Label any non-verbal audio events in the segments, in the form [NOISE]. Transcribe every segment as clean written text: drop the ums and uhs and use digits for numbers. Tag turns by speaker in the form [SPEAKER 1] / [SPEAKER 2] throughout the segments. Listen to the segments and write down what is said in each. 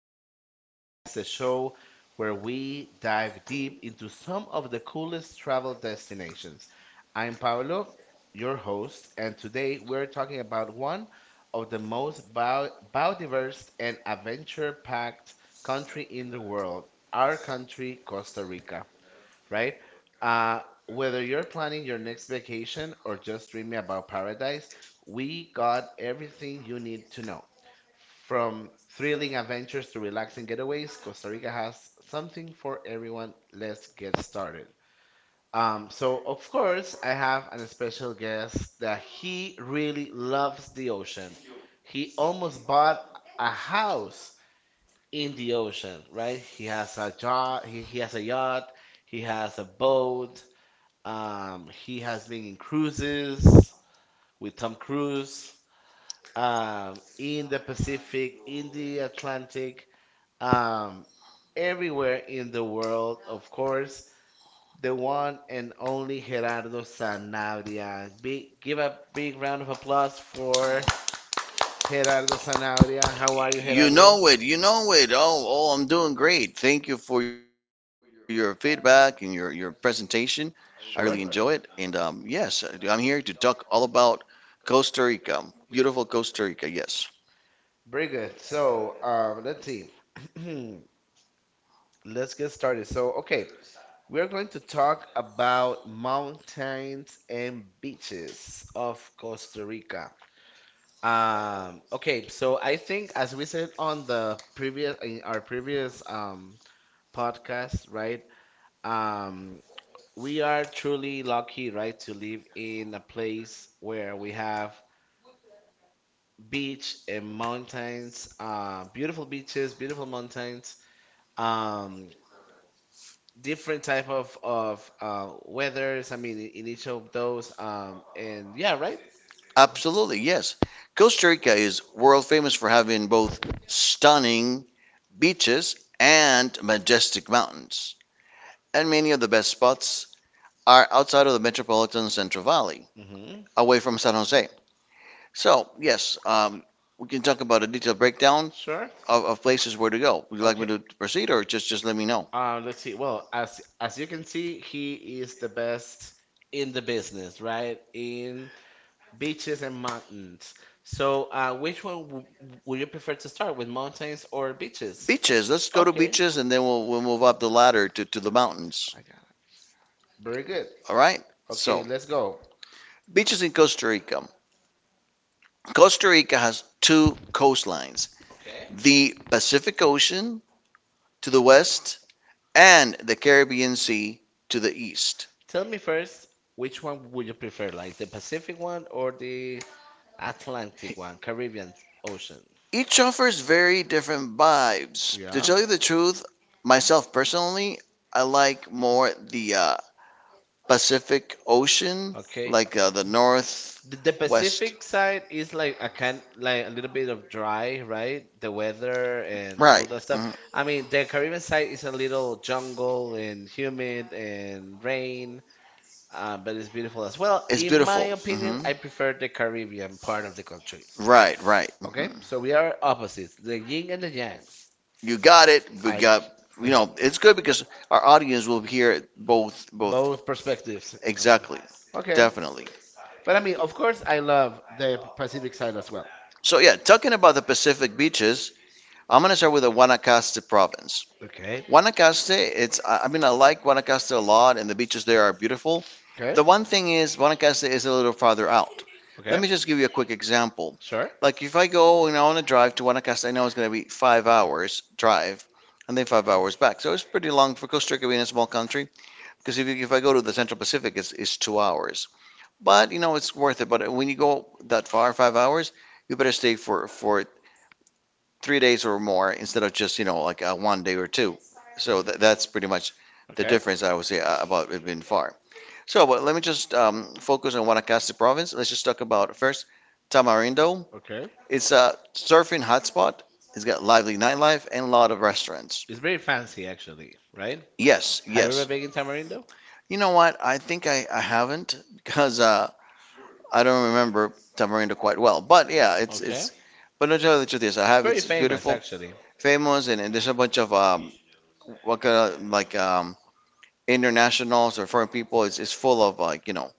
[SPEAKER 1] Costa Rica Vibes, the show where we dive deep into some of the coolest travel destinations. I'm Paolo, your host, and today we're talking about one of the most biodiverse and adventure packed country in the world, our country, Costa Rica, right? Uh, Whether you're planning your next vacation or just dreaming about paradise, we got everything you need to know. From thrilling adventures to relaxing getaways, Costa Rica has something for everyone. Let's get started. So, of course, I have an special guest that he really loves the ocean. He almost bought a house in the ocean, right? He has a yacht, he has a yacht, he has a boat, he has been in cruises with Tom Cruise, in the Pacific, in the Atlantic, um, everywhere in the world, of course. The one and only Gerardo Sanabria. Big, give a big round of applause for Gerardo Sanabria. How are you,
[SPEAKER 2] You know
[SPEAKER 1] Gerardo?
[SPEAKER 2] it. You know it. Oh, I'm doing great. Thank you for your feedback and your presentation. I really
[SPEAKER 1] Sure.
[SPEAKER 2] enjoy it. And yes, I'm here to talk all about Costa Rica. Beautiful Costa Rica. Yes,
[SPEAKER 1] Very good. So, let's see. [CLEARS THROAT] Let's get started. So, okay, we're going to talk about mountains and beaches of Costa Rica. Okay, so I think as we said on the previous in our previous podcast, right? Um, we are truly lucky, right, to live in a place where we have beach and mountains, beautiful beaches, beautiful mountains, um, different type of weathers. I mean, in each of those, and yeah, right.
[SPEAKER 2] absolutely. Yes. Costa Rica is world famous for having both stunning beaches and majestic mountains. And many of the best spots are outside of the metropolitan Central Valley,
[SPEAKER 1] Mhm.
[SPEAKER 2] away from San Jose. So, yes, we can talk about a detailed breakdown
[SPEAKER 1] Sure. of,
[SPEAKER 2] of places where to go. Would you like me
[SPEAKER 1] Okay.
[SPEAKER 2] to proceed or just let me know?
[SPEAKER 1] Let's see. Well, as you can see, he is the best in the business, right? In beaches and mountains. So, which one would you prefer to start with, mountains or beaches?
[SPEAKER 2] Beaches, let's go to
[SPEAKER 1] Okay.
[SPEAKER 2] beaches and then we'll move up the ladder to the mountains.
[SPEAKER 1] I got it. Very good.
[SPEAKER 2] All right? So,
[SPEAKER 1] Okay, let's go.
[SPEAKER 2] beaches in Costa Rica. Costa Rica has two coastlines:
[SPEAKER 1] Okay.
[SPEAKER 2] the Pacific Ocean to the west and the Caribbean Sea to the east.
[SPEAKER 1] Tell me first, which one would you prefer, like the Pacific one or the Atlantic one, Caribbean Ocean.
[SPEAKER 2] Each offers very different vibes. To
[SPEAKER 1] Yeah.
[SPEAKER 2] tell you the truth, myself personally, I like more the Pacific Ocean,
[SPEAKER 1] Okay.
[SPEAKER 2] like the north
[SPEAKER 1] The west.
[SPEAKER 2] west.
[SPEAKER 1] Pacific side is like a kind like a little bit of dry, right? The weather and
[SPEAKER 2] Right.
[SPEAKER 1] all that stuff.
[SPEAKER 2] Mhm.
[SPEAKER 1] I mean, the Caribbean side is a little jungle and humid and rain, but it's beautiful as well.
[SPEAKER 2] It's
[SPEAKER 1] In
[SPEAKER 2] beautiful.
[SPEAKER 1] my is. Opinion,
[SPEAKER 2] Hmm.
[SPEAKER 1] I prefer the Caribbean part of the country.
[SPEAKER 2] Right, right.
[SPEAKER 1] Okay, so we are opposites, the yin and the yang.
[SPEAKER 2] You got it. We got, it's good because our audience will hear both,
[SPEAKER 1] Both
[SPEAKER 2] both.
[SPEAKER 1] both perspectives.
[SPEAKER 2] Exactly,
[SPEAKER 1] Okay.
[SPEAKER 2] definitely.
[SPEAKER 1] But I mean, of course, I love the Pacific side as well.
[SPEAKER 2] So yeah, talking about the Pacific beaches, I'm gonna start with the Guanacaste province.
[SPEAKER 1] Okay.
[SPEAKER 2] Guanacaste, it's I mean I like Guanacaste a lot, and the beaches there are beautiful. The one thing is Guanacaste is a little farther out. Let
[SPEAKER 1] Okay.
[SPEAKER 2] me just give you a quick example.
[SPEAKER 1] Sure.
[SPEAKER 2] Like if I go and I want to drive to Guanacaste, I know it's gonna be 5 hours drive, and then 5 hours back. So it's pretty long for Costa Rica being a small country. Because if I go to the Central Pacific, it's 2 hours. But it's worth it. But when you go that far, 5 hours, you better stay for 3 days or more instead of just, like one day or two. So that's pretty much the difference I would say about it being far. So, but let me just focus on Guanacaste province. Let's just talk about first Tamarindo.
[SPEAKER 1] Okay.
[SPEAKER 2] It's a surfing hotspot. It's got lively nightlife and a lot of restaurants.
[SPEAKER 1] It's very fancy, actually, right? You
[SPEAKER 2] Yes, yes.
[SPEAKER 1] ever been in Tamarindo?
[SPEAKER 2] You know what? I think I haven't because I don't remember Tamarindo quite well, but yeah, it's. But no, tell the truth is, I have it's
[SPEAKER 1] Famous,
[SPEAKER 2] beautiful,
[SPEAKER 1] actually.
[SPEAKER 2] famous, and there's a bunch of what kind of like internationals or foreign people. It's full of like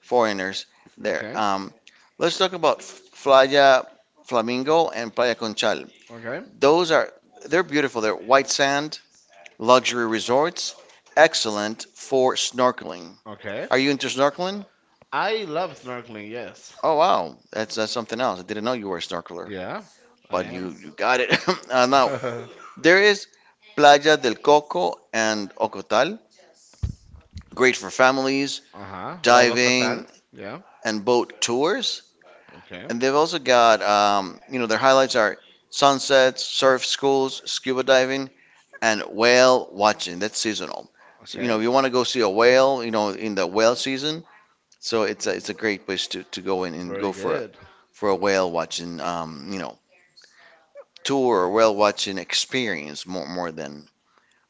[SPEAKER 2] foreigners there.
[SPEAKER 1] Okay.
[SPEAKER 2] Let's talk about Playa Flamingo and Playa Conchal.
[SPEAKER 1] Okay.
[SPEAKER 2] Those are they're beautiful. They're white sand luxury resorts, excellent for snorkeling.
[SPEAKER 1] Okay.
[SPEAKER 2] Are you into snorkeling?
[SPEAKER 1] I love snorkeling, yes.
[SPEAKER 2] Oh wow, that's something else. I didn't know you were a snorkeler.
[SPEAKER 1] Yeah, I
[SPEAKER 2] But you,
[SPEAKER 1] am.
[SPEAKER 2] you got it. [LAUGHS] Now,
[SPEAKER 1] [LAUGHS]
[SPEAKER 2] there is Playa del Coco and Ocotal, great for families,
[SPEAKER 1] Uh [LAUGHS] huh. Lava
[SPEAKER 2] diving,
[SPEAKER 1] Kotal. [LAUGHS] Yeah.
[SPEAKER 2] and boat tours.
[SPEAKER 1] Okay.
[SPEAKER 2] And they've also got, their highlights are sunsets, surf schools, scuba diving, and whale watching. That's seasonal.
[SPEAKER 1] you
[SPEAKER 2] So,
[SPEAKER 1] Okay.
[SPEAKER 2] if
[SPEAKER 1] You
[SPEAKER 2] you want to
[SPEAKER 1] to
[SPEAKER 2] go
[SPEAKER 1] go
[SPEAKER 2] see a
[SPEAKER 1] a
[SPEAKER 2] whale,
[SPEAKER 1] whale
[SPEAKER 2] in the whale
[SPEAKER 1] in
[SPEAKER 2] season, so it's a, great place to go in and go
[SPEAKER 1] Very
[SPEAKER 2] for
[SPEAKER 1] good.
[SPEAKER 2] a whale watching, tour or whale watching experience more than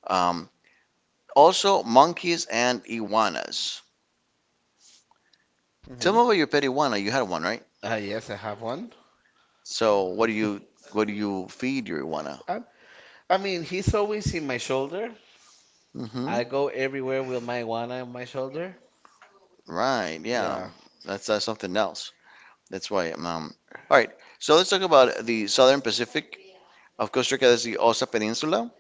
[SPEAKER 2] um, Also, monkeys and iguanas. Tell me
[SPEAKER 1] Tell
[SPEAKER 2] about your pet iguana. You had one, right?
[SPEAKER 1] right? Yes, I have one.
[SPEAKER 2] So, what do you feed your iguana?
[SPEAKER 1] [LAUGHS] I mean, he's always in my shoulder,
[SPEAKER 2] Hmm.
[SPEAKER 1] I go everywhere with my guana on my shoulder.
[SPEAKER 2] Right. Yeah.
[SPEAKER 1] Yeah.
[SPEAKER 2] That's something else. That's why. All right. So let's talk about the southern Pacific of Costa Rica. That's the Osa Peninsula.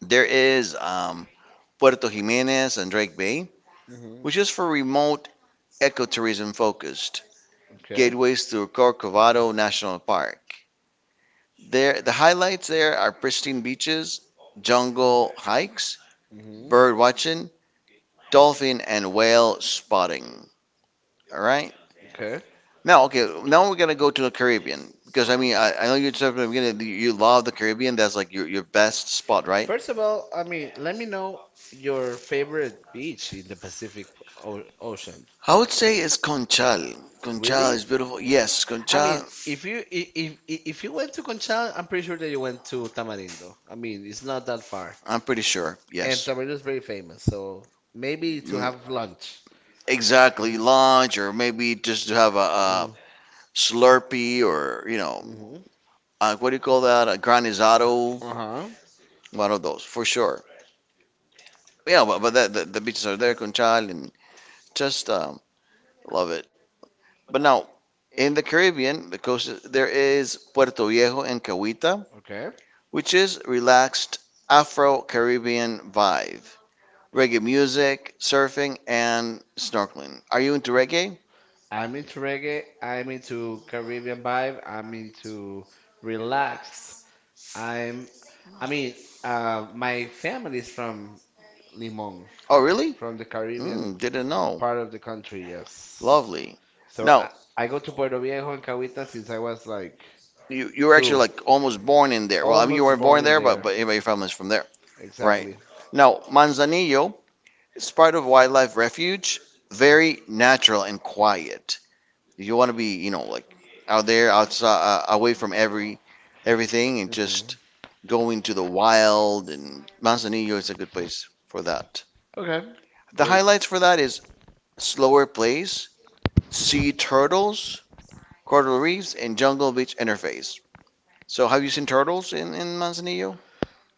[SPEAKER 2] There is Puerto Jimenez and Drake Bay,
[SPEAKER 1] Hmm.
[SPEAKER 2] which is for remote
[SPEAKER 1] Okay.
[SPEAKER 2] ecotourism focused
[SPEAKER 1] Hmm. Okay.
[SPEAKER 2] gateways through
[SPEAKER 1] Oh.
[SPEAKER 2] Corcovado National Park. There, the highlights there are pristine beaches, jungle hikes, bird watching, dolphin and whale spotting. All right. Now, okay. Now we're gonna go to the Caribbean because I mean I know you said at the beginning that you love the Caribbean. That's like your best spot, right?
[SPEAKER 1] First of all, I mean, let me know your favorite beach in the Pacific Ocean.
[SPEAKER 2] I would say it's Conchal. Conchal
[SPEAKER 1] Really?
[SPEAKER 2] is beautiful. Yes,
[SPEAKER 1] I
[SPEAKER 2] Conchal.
[SPEAKER 1] mean, if you went to Conchal, I'm pretty sure that you went to Tamarindo. I mean, it's not that far.
[SPEAKER 2] I'm pretty sure.
[SPEAKER 1] And
[SPEAKER 2] Yes.
[SPEAKER 1] Tamarindo is very famous, so maybe to
[SPEAKER 2] Mm.
[SPEAKER 1] have lunch.
[SPEAKER 2] Exactly, lunch or maybe just to have a Slurpee or
[SPEAKER 1] Mhm.
[SPEAKER 2] what do you call that? A granizado,
[SPEAKER 1] Mhm. Uh-huh.
[SPEAKER 2] one of those for sure. Yeah, but that, the beaches are there, Conchal, and just love it. But now in the Caribbean, the coast there is Puerto Viejo and Cahuita,
[SPEAKER 1] Okay.
[SPEAKER 2] which is relaxed Afro-Caribbean vibe, reggae music, surfing, and snorkeling. Are you into reggae?
[SPEAKER 1] I'm into reggae. I'm into Caribbean vibe. I'm into relaxed. I'm, I mean, my family is from Limon,
[SPEAKER 2] Oh, really?
[SPEAKER 1] from the
[SPEAKER 2] Hmm,
[SPEAKER 1] Caribbean
[SPEAKER 2] didn't know.
[SPEAKER 1] part of the country, yes.
[SPEAKER 2] Lovely.
[SPEAKER 1] So
[SPEAKER 2] Now,
[SPEAKER 1] I go to Puerto Viejo and Cahuita since I was like
[SPEAKER 2] you were actually
[SPEAKER 1] 2.
[SPEAKER 2] like almost born in there. Well, I mean you weren't
[SPEAKER 1] Almost
[SPEAKER 2] born
[SPEAKER 1] born in
[SPEAKER 2] there, but
[SPEAKER 1] there.
[SPEAKER 2] anyway, your family's from there, right?
[SPEAKER 1] Exactly.
[SPEAKER 2] Now Manzanillo is part of wildlife refuge. Very natural and quiet. You want to be like out there outside away from everything and
[SPEAKER 1] Mhm.
[SPEAKER 2] just go into the wild. And Manzanillo is a good place for that.
[SPEAKER 1] Okay.
[SPEAKER 2] The
[SPEAKER 1] Very.
[SPEAKER 2] highlights for that is slower plays, sea turtles, coral reefs, and jungle beach interface. So have you seen turtles in Manzanillo?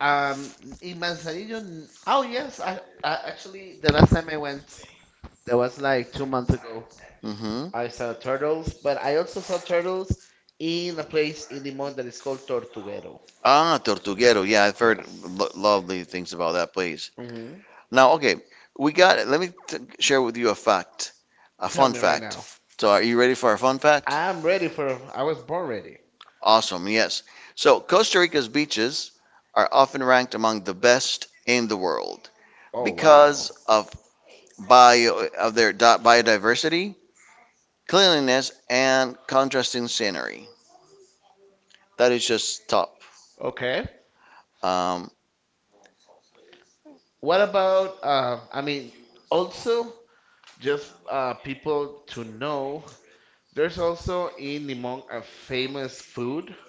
[SPEAKER 1] Um, in Manzanillo, oh yes, I actually the last time I went, that was like 2 months ago.
[SPEAKER 2] Hmm.
[SPEAKER 1] I saw turtles, but I also saw turtles in a place in Limón that is called Tortuguero.
[SPEAKER 2] Ah, Tortuguero. Yeah, I've heard
[SPEAKER 1] Yes.
[SPEAKER 2] lo lovely things about that place.
[SPEAKER 1] Hmm.
[SPEAKER 2] Now, okay, we got Let me t share with you a fact, a fun
[SPEAKER 1] Tell me right
[SPEAKER 2] fact.
[SPEAKER 1] now.
[SPEAKER 2] So, are you ready for a fun fact?
[SPEAKER 1] I'm ready for. I was born ready.
[SPEAKER 2] Awesome, yes. So, Costa Rica's beaches are often ranked among the best in the world
[SPEAKER 1] Oh
[SPEAKER 2] because
[SPEAKER 1] wow.
[SPEAKER 2] of their biodiversity, cleanliness, and contrasting scenery. That is just top.
[SPEAKER 1] Yes. Okay.
[SPEAKER 2] Um,
[SPEAKER 1] What about? I mean, also just people to know. There's also in Limón a famous food,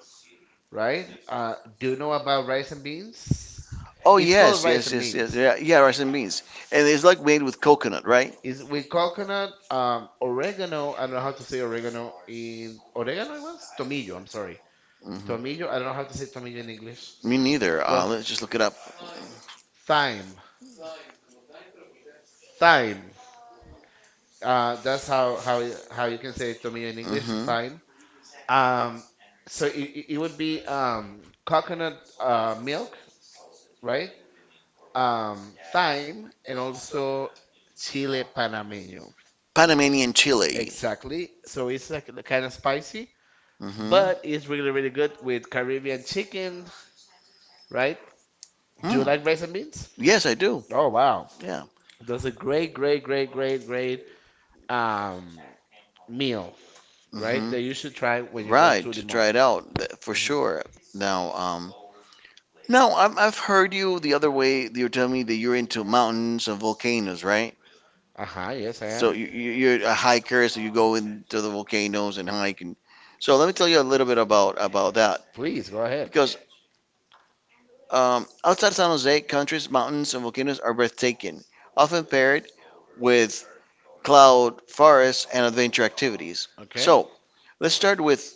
[SPEAKER 1] right? Do you know about rice and beans?
[SPEAKER 2] Oh
[SPEAKER 1] It's
[SPEAKER 2] yes,
[SPEAKER 1] called
[SPEAKER 2] yes,
[SPEAKER 1] rice and
[SPEAKER 2] yes, yes.
[SPEAKER 1] beans.
[SPEAKER 2] Yeah, yeah, rice and beans, and it's like made with coconut, right?
[SPEAKER 1] Is with coconut, oregano. I don't know how to say oregano in oregano. It was tomillo. I'm sorry,
[SPEAKER 2] Hmm.
[SPEAKER 1] tomillo. I don't know how to say tomillo in English.
[SPEAKER 2] Me neither.
[SPEAKER 1] Well,
[SPEAKER 2] Let's just look it up. Uh,
[SPEAKER 1] thyme, thyme. That's how you can say tomillo in English.
[SPEAKER 2] hmm.
[SPEAKER 1] Thyme. Um, so, it would be coconut milk, right? Thyme and also chile panameño.
[SPEAKER 2] Panamanian chili.
[SPEAKER 1] Exactly. So it's like kind of spicy.
[SPEAKER 2] Hmm.
[SPEAKER 1] But it's really really good with Caribbean chicken, right? Do you
[SPEAKER 2] Mm.
[SPEAKER 1] like rice and beans?
[SPEAKER 2] Yes, I do.
[SPEAKER 1] Oh wow,
[SPEAKER 2] Yeah.
[SPEAKER 1] that's a great great great great great um meal, right?
[SPEAKER 2] Hmm.
[SPEAKER 1] That you should try when you go
[SPEAKER 2] Right,
[SPEAKER 1] to Limon.
[SPEAKER 2] try it out for
[SPEAKER 1] Mhm.
[SPEAKER 2] sure. Now, No, I've heard you the other way. You're telling me that you're into mountains and volcanoes, right?
[SPEAKER 1] Uh huh. Yes, I
[SPEAKER 2] So
[SPEAKER 1] am.
[SPEAKER 2] you're a hiker, so you go into the volcanoes and hike. And... So let me tell you a little bit about that
[SPEAKER 1] Please go ahead.
[SPEAKER 2] because outside San Jose, countries, mountains, and volcanoes are breathtaking, often paired with cloud forests and adventure activities.
[SPEAKER 1] Okay.
[SPEAKER 2] So let's start with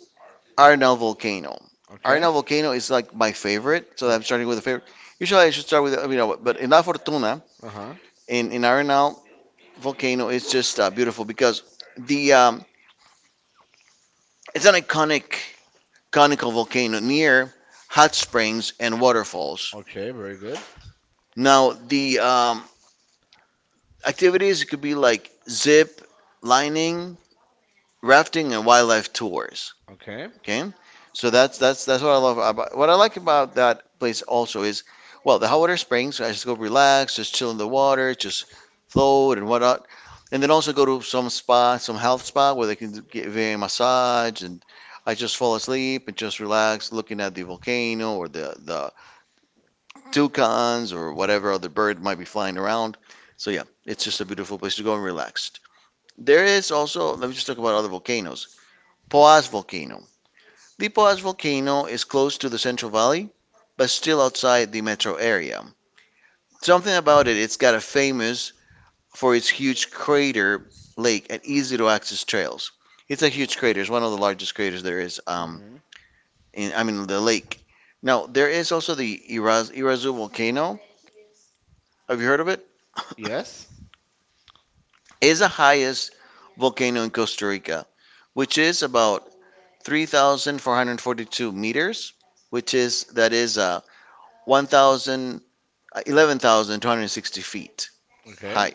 [SPEAKER 2] Arenal Volcano.
[SPEAKER 1] Okay.
[SPEAKER 2] Arenal Volcano is like my favorite, so I'm
[SPEAKER 1] Okay.
[SPEAKER 2] starting with a favorite. Usually I should start with but in La Fortuna
[SPEAKER 1] Uh huh.
[SPEAKER 2] in Arenal volcano is just beautiful because the it's an iconic conical volcano near hot springs and waterfalls.
[SPEAKER 1] Okay. Very good.
[SPEAKER 2] Now the activities could be like zip lining, rafting, and wildlife tours.
[SPEAKER 1] Okay.
[SPEAKER 2] Okay, so that's what I like about that place also is well the hot water springs. I just go relax, just chill in the water, just float and whatnot, and then also go to some spa, some health spa where they can give me a massage and I just fall asleep and just relax, looking at the volcano or the toucans or whatever other bird might be flying around. So yeah, it's just a beautiful place to go and relax. There is also let me just talk about other volcanoes. Poás volcano. The Pa's volcano is close to the Central Valley, but still outside the metro area. Something about it, it's got a famous for its huge crater lake and easy to access trails. It's a huge crater. It's one of the largest craters there is.
[SPEAKER 1] Mhm.
[SPEAKER 2] In I mean the lake. Now there is also the Irazu volcano. Have you heard of it?
[SPEAKER 1] Yes.
[SPEAKER 2] It's the highest volcano in Costa Rica, which is about 3,442 meters, which is that is 1,000. 11,260 feet
[SPEAKER 1] Okay.
[SPEAKER 2] high.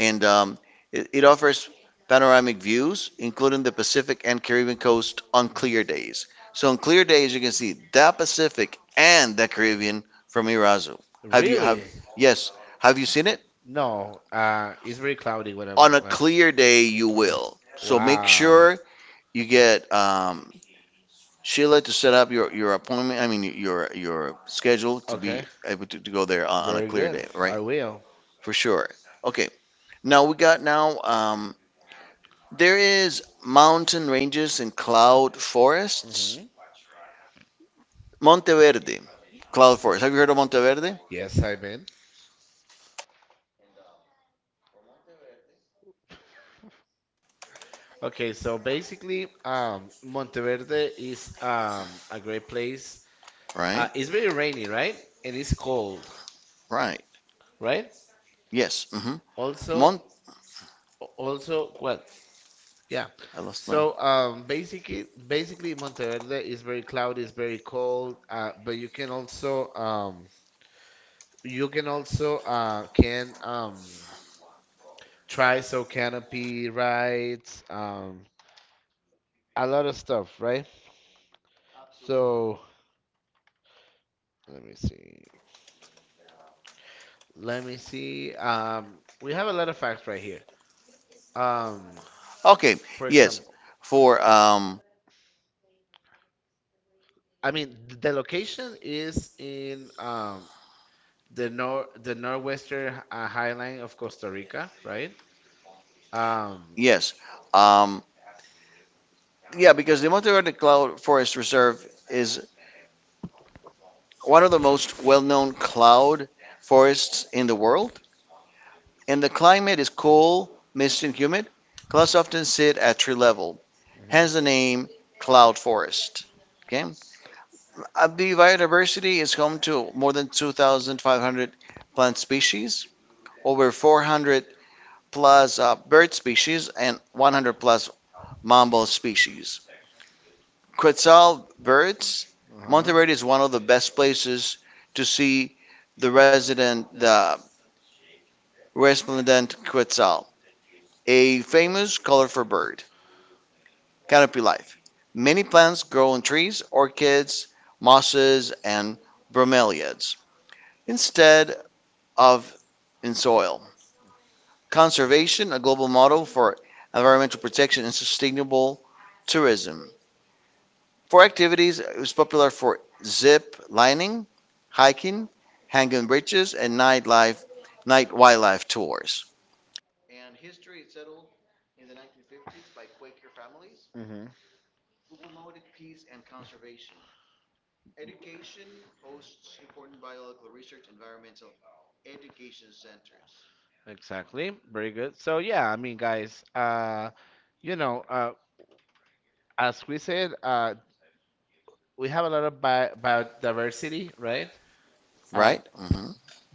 [SPEAKER 2] And it offers panoramic views, including the Pacific and Caribbean coast on
[SPEAKER 1] Mhm.
[SPEAKER 2] clear days. So on clear days, you can see the Pacific and the Caribbean from Irazu. Have you have
[SPEAKER 1] Really?
[SPEAKER 2] Yes? Have you seen it?
[SPEAKER 1] No. It's very cloudy when I'm.
[SPEAKER 2] On a
[SPEAKER 1] When,
[SPEAKER 2] clear day, you
[SPEAKER 1] uh,
[SPEAKER 2] will.
[SPEAKER 1] will.
[SPEAKER 2] So make
[SPEAKER 1] Wow.
[SPEAKER 2] sure you get Sheila to set up your appointment. I mean your schedule to be
[SPEAKER 1] Okay.
[SPEAKER 2] able to go there on a
[SPEAKER 1] Very a
[SPEAKER 2] clear
[SPEAKER 1] good.
[SPEAKER 2] day,
[SPEAKER 1] Vancouver.
[SPEAKER 2] right?
[SPEAKER 1] I will.
[SPEAKER 2] For sure. Okay. Now we got now there is mountain ranges and cloud forests.
[SPEAKER 1] Hmm.
[SPEAKER 2] Monteverde, cloud forest. Have you heard of Monteverde?
[SPEAKER 1] Yes, I have been.
[SPEAKER 2] Okay,
[SPEAKER 1] Okay,
[SPEAKER 2] so
[SPEAKER 1] so
[SPEAKER 2] basically,
[SPEAKER 1] basically,
[SPEAKER 2] Monteverde
[SPEAKER 1] Monteverde
[SPEAKER 2] is
[SPEAKER 1] is a
[SPEAKER 2] a great
[SPEAKER 1] great place.
[SPEAKER 2] place. Right? It's
[SPEAKER 1] It's
[SPEAKER 2] very
[SPEAKER 1] very
[SPEAKER 2] rainy,
[SPEAKER 1] rainy,
[SPEAKER 2] right?
[SPEAKER 1] right?
[SPEAKER 2] And
[SPEAKER 1] And
[SPEAKER 2] it's
[SPEAKER 1] it's
[SPEAKER 2] cold.
[SPEAKER 1] cold,
[SPEAKER 2] Right.
[SPEAKER 1] right?
[SPEAKER 2] Right? Yes. Hmm. Also,
[SPEAKER 1] Also,
[SPEAKER 2] Mont.
[SPEAKER 1] Mhm.
[SPEAKER 2] Also,
[SPEAKER 1] also,
[SPEAKER 2] what?
[SPEAKER 1] what?
[SPEAKER 2] Yeah.
[SPEAKER 1] Yeah.
[SPEAKER 2] I lost my. So
[SPEAKER 1] So
[SPEAKER 2] basically
[SPEAKER 1] basically Monteverde
[SPEAKER 2] Monteverde is
[SPEAKER 1] is very
[SPEAKER 2] very
[SPEAKER 1] cloudy,
[SPEAKER 2] cloudy,
[SPEAKER 1] it's
[SPEAKER 2] it's very
[SPEAKER 1] very
[SPEAKER 2] cold,
[SPEAKER 1] cold, but
[SPEAKER 2] but you
[SPEAKER 1] you
[SPEAKER 2] can
[SPEAKER 1] can
[SPEAKER 2] also
[SPEAKER 1] also
[SPEAKER 2] can
[SPEAKER 1] can
[SPEAKER 2] try
[SPEAKER 1] try so
[SPEAKER 2] some canopy
[SPEAKER 1] canopy
[SPEAKER 2] rides,
[SPEAKER 1] rides, a
[SPEAKER 2] a lot
[SPEAKER 1] lot
[SPEAKER 2] of
[SPEAKER 1] of
[SPEAKER 2] stuff,
[SPEAKER 1] stuff,
[SPEAKER 2] right?
[SPEAKER 1] right? So let me see,
[SPEAKER 2] Let
[SPEAKER 1] let
[SPEAKER 2] me
[SPEAKER 1] me
[SPEAKER 2] see,
[SPEAKER 1] see.
[SPEAKER 2] we
[SPEAKER 1] We
[SPEAKER 2] have
[SPEAKER 1] have a
[SPEAKER 2] a letter
[SPEAKER 1] lot of
[SPEAKER 2] of
[SPEAKER 1] facts
[SPEAKER 2] right
[SPEAKER 1] right
[SPEAKER 2] here.
[SPEAKER 1] here.
[SPEAKER 2] Um,
[SPEAKER 1] Um,
[SPEAKER 2] Okay,
[SPEAKER 1] for
[SPEAKER 2] yes,
[SPEAKER 1] example,
[SPEAKER 2] for,
[SPEAKER 1] I mean the location is in the nor the northwestern highline of Costa Rica, right? Um,
[SPEAKER 2] Yes. Um, yeah, because the Monteverde Cloud Forest Reserve is one of the most well-known cloud forests in the world, and the climate is cool, misty, and humid. Clouds often sit at tree level, hence the
[SPEAKER 1] mhm,
[SPEAKER 2] name cloud forest. Okay. The biodiversity is home to more than 2,500 plant species, over 400 plus bird species, and 100 plus mammal species. Quetzal birds,
[SPEAKER 1] uh-huh,
[SPEAKER 2] Monteverde is one of the best places to see the resplendent quetzal, a famous colorful bird. Canopy life. Many plants grow on trees, orchids, mosses, and bromeliads instead of in soil. Conservation, a global model for environmental protection and sustainable tourism. For activities, it was popular for zip lining, hiking, hanging bridges, and night wildlife tours. And history is settled in the 1950s by Quaker families
[SPEAKER 1] mhm,
[SPEAKER 2] who promoted peace and conservation. Education hosts important biological research, environmental education centers.
[SPEAKER 1] exactly. Very good. So yeah, I mean, guys, you know, as we said, we have a lot of bi biodiversity, right? Uh,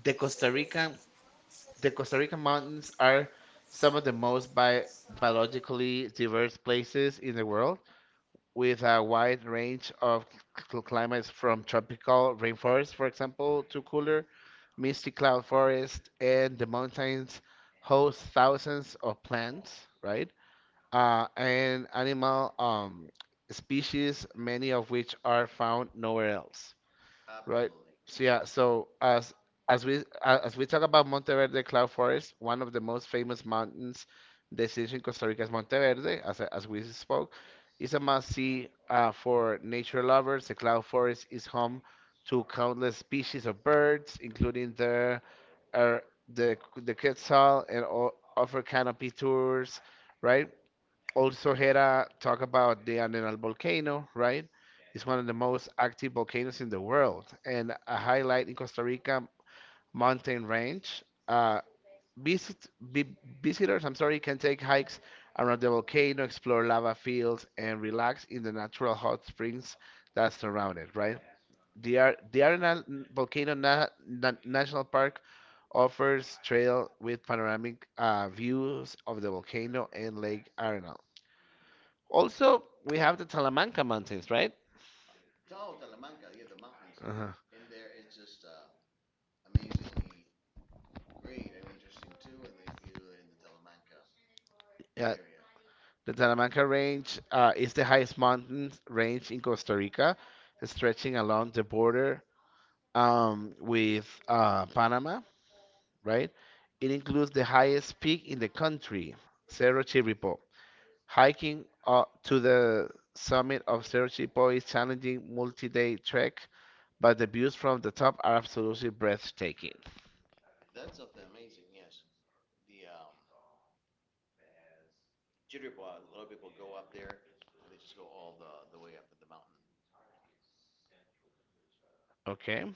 [SPEAKER 1] the Costa Rican, the Costa Rican mountains are some of the most bi biologically diverse places in the world, with a wide range of climates from tropical rainforest, for example, to cooler, misty cloud forest, and the mountains host thousands of plants, right? And animal species, many of which are found nowhere else, right? So yeah, as we talk about Monteverde Cloud Forest, one of the most famous mountains destination in Costa Rica is Monteverde, as we spoke. It's a must-see for nature lovers. The cloud forest is home to countless species of birds, including uh, the quetzal, and offer canopy tours, right? Also, Hera talk about the Arenal volcano, right? It's one of the most active volcanoes in the world and a highlight in Costa Rica mountain range. Visit, vi- visitors, I'm sorry, can take hikes around the volcano, explore lava fields, and relax in the natural hot springs that surround it, right? The Arenal Volcano National Park offers trail with panoramic views of the volcano and Lake Arenal. Also, we have the Talamanca Mountains, right? Uh-huh. area. Yeah, Area. The Talamanca Range is the highest mountain range in Costa Rica, stretching along the border with Panama, right? It includes the highest peak in the country, Cerro Chirripó. Hiking to the summit of Cerro Chirripó is challenging multi-day trek, but the views from the top are absolutely breathtaking. Okay,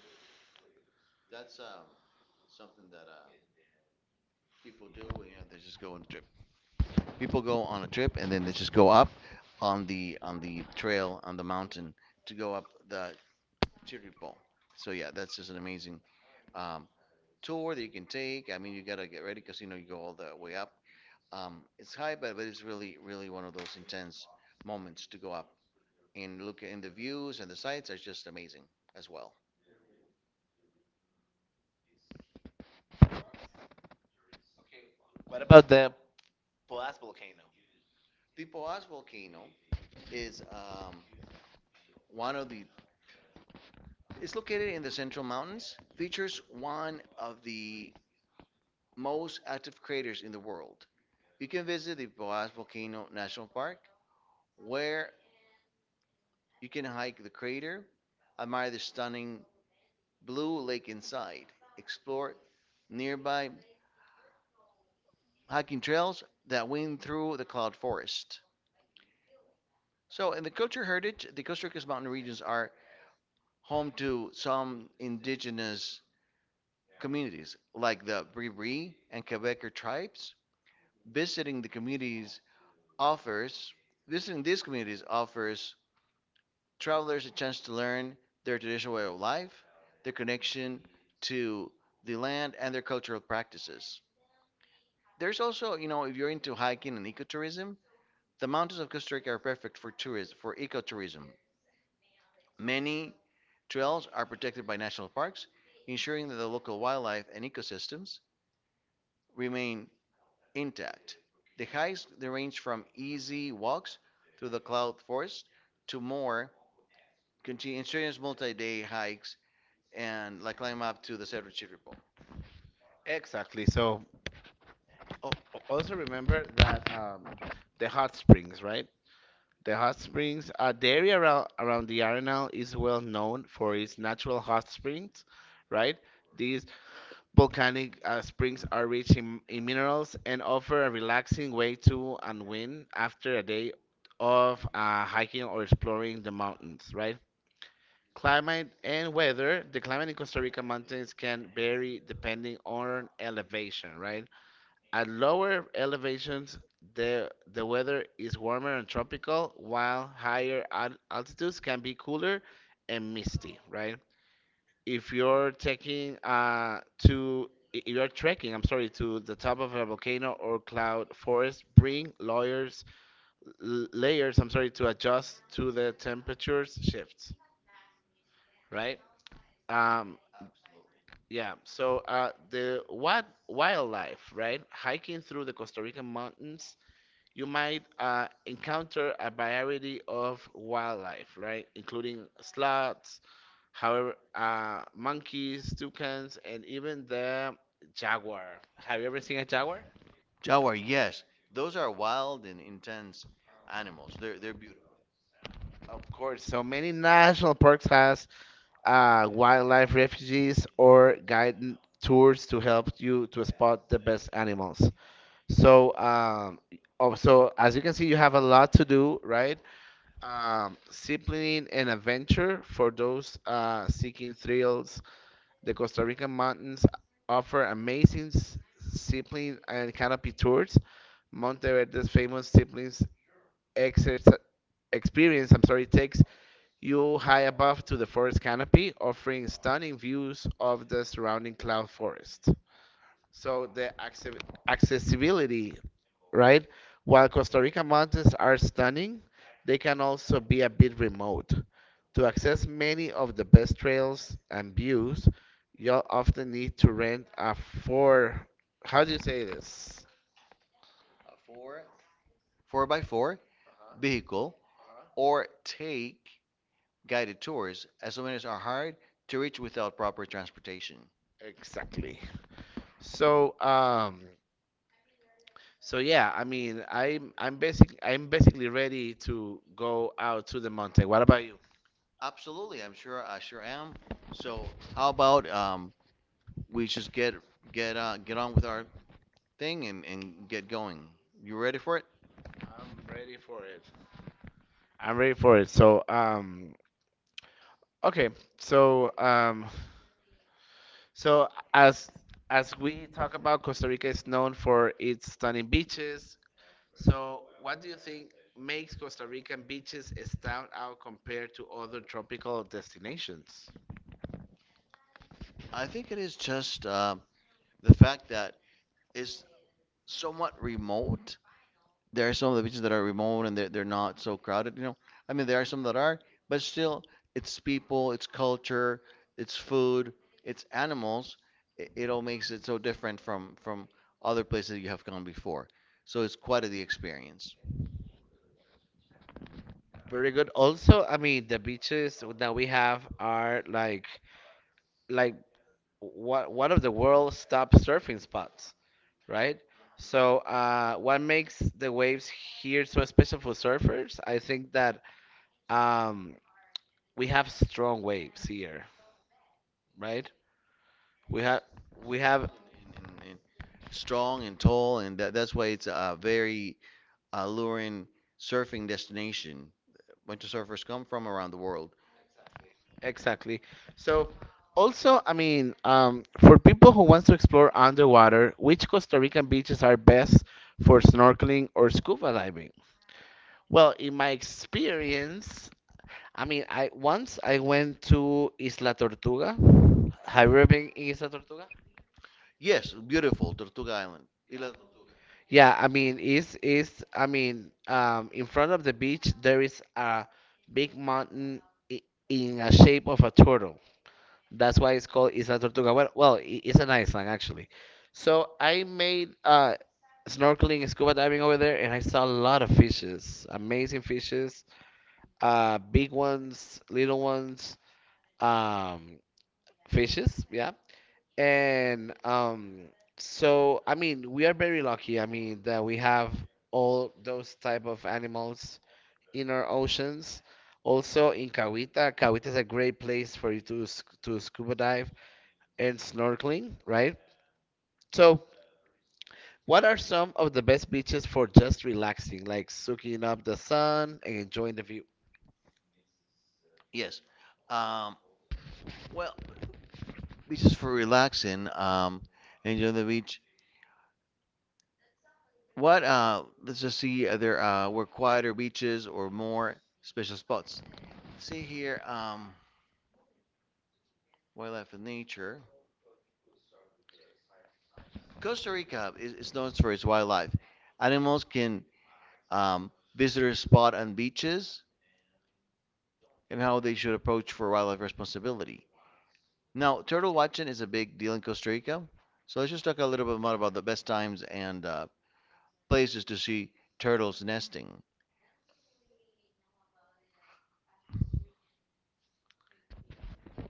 [SPEAKER 1] exactly. So Oh, also remember that the hot springs, right? The hot springs, the area around the Arenal is well known for its natural hot springs, right? These volcanic springs are rich in minerals and offer a relaxing way to unwind after a day of hiking or exploring the mountains, right? Climate and weather. The climate in Costa Rica mountains can vary depending on elevation, right? At lower elevations, the weather is warmer and tropical, while higher altitudes can be cooler and misty, right? If you're taking uh, if you're trekking, I'm sorry, to the top of a volcano or cloud forest, bring layers, layers, I'm sorry, to adjust to the temperatures shifts, right? Um, yeah, so the what wildlife, right? Hiking through the Costa Rican mountains you might encounter a variety of wildlife, right? Including sloths, however, monkeys, toucans, and even the jaguar. Have you ever seen a jaguar? Of course. So many national parks has wildlife refuges or guided tours to help you to spot the best animals. So, oh, so as you can see, you have a lot to do, right? Discipline and adventure for those seeking thrills. The Costa Rican mountains offer amazing zipline and canopy tours. Monteverde's famous zipline exercise experience, I'm sorry, takes you high above to the forest canopy, offering stunning views of the surrounding cloud forest. So the accessibility, right? While Costa Rica mountains are stunning, they can also be a bit remote. To access many of the best trails and views, you'll often need to rent a four. How do you say this exactly? So, so yeah, I mean, I'm basically ready to go out to the mountain. What about you? I'm ready for it. I'm ready for it. Okay, so um, so as as we talk about, Costa Rica is known for its stunning beaches. So what do you think makes Costa Rican beaches stand out compared to other tropical destinations? Very good. Also, I mean, the beaches that we have are like what one of the world's top surfing spots, right? So, what makes the waves here so special for surfers? I think that um, we have strong waves here, right? We have we have. Exactly. So also, I mean, for people who wants to explore underwater, which Costa Rican beaches are best for snorkeling or scuba diving? Well, in my experience, I mean, I once I went to Isla Tortuga. Have you ever been in Isla Tortuga? Yeah, I mean, is I mean, in front of the beach there is a big mountain i- in a shape of a turtle. That's why it's called Isla Tortuga. Well, it's an island actually. So I made snorkeling and scuba diving over there, and I saw a lot of fishes, amazing fishes, big ones, little ones, um, fishes. Yeah, and so I mean, we are very lucky. I mean, that we have all those type of animals in our oceans. Also in Kawita, Kawita is a great place for you to to scuba dive and snorkeling, right? So, what are some of the best beaches for just relaxing, like soaking up the sun and enjoying the view?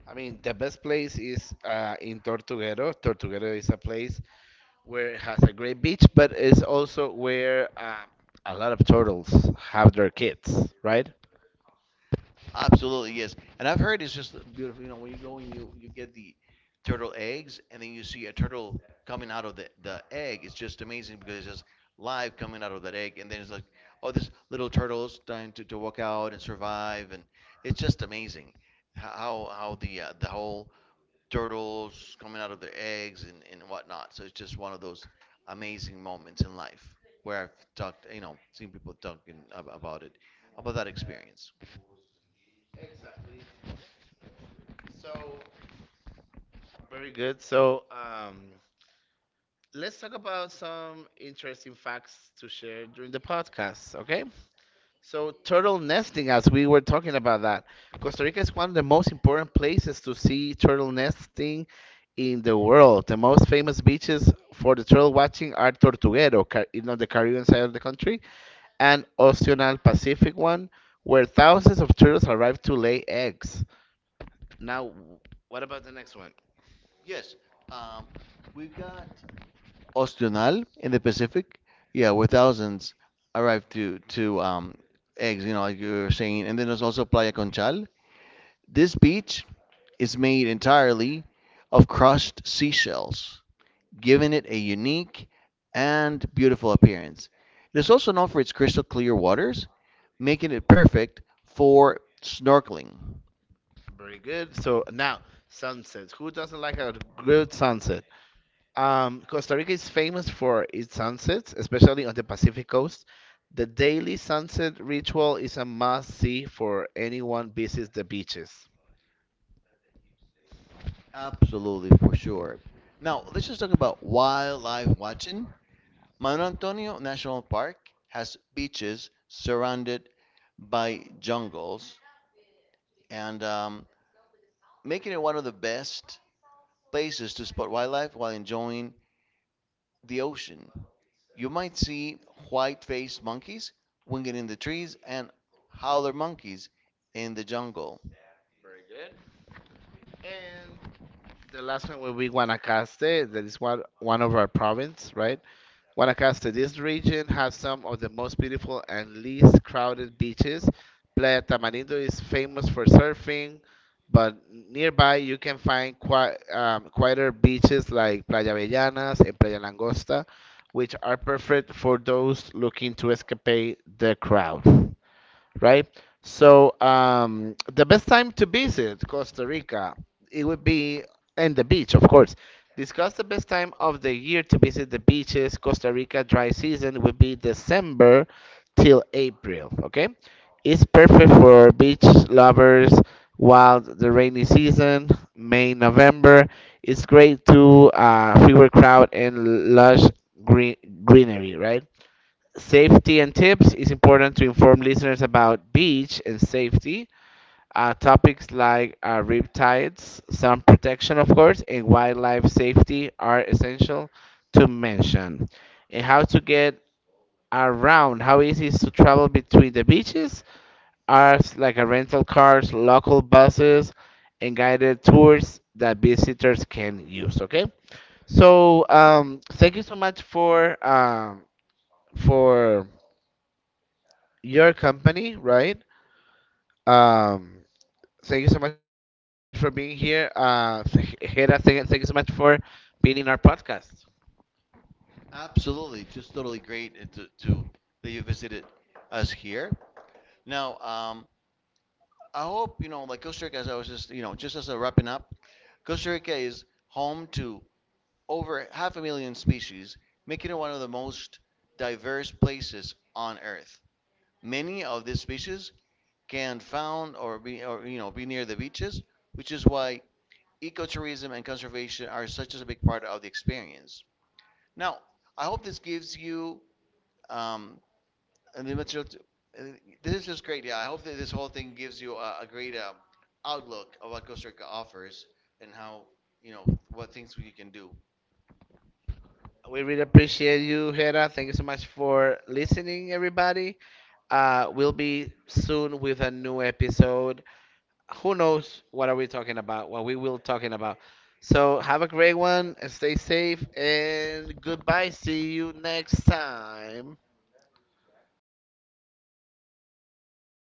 [SPEAKER 1] I mean, the best place is in Tortuguero. Tortuguero is a place where it has a great beach, but it's also where a lot of turtles have their kids, right? Exactly. So very good. So, let's talk about some interesting facts to share during the podcast. Okay. So turtle nesting, as we were talking about that, Costa Rica is one of the most important places to see turtle nesting in the world. The most famous beaches for the turtle watching are Tortuguero, you know, the Caribbean side of the country, and Oceanal Pacific one, where thousands of turtles arrive to lay eggs. Now, what about the next one? Very good. So now, sunsets. Who doesn't like a good sunset? Costa Rica is famous for its sunsets, especially on the Pacific coast. The daily sunset ritual is a must-see for anyone visits the beaches. And the last one will be Guanacaste. That is one of our province, right? Guanacaste. This region has some of the most beautiful and least crowded beaches. Playa Tamarindo is famous for surfing, but nearby you can find quieter beaches like Playa Avellanas and Playa Langosta, which are perfect for those looking to escape the crowd, right? So, the best time to visit Costa Rica, it would be, and the beach, of course. Discuss the best time of the year to visit the beaches. Costa Rica dry season would be December till April. Okay, it's perfect for beach lovers. While the rainy season, May November, it's great to, fewer crowd and green, greenery, right? Safety and tips. It's important to inform listeners about beach and safety, topics like riptides, sun protection, of course, and wildlife safety are essential to mention. And how to get around, how easy is to travel between the beaches, are like a rental cars, local buses, and guided tours that visitors can use. Okay, so thank you so much for, for your company, right? Um, thank you so much for being here. Hera, thank you so much for being in our podcast. We really appreciate you, Hera. Thank you so much for listening, everybody. We'll be soon with a new episode. Who knows what are we talking about? What we will talking about. So have a great one and stay safe and goodbye. See you next time.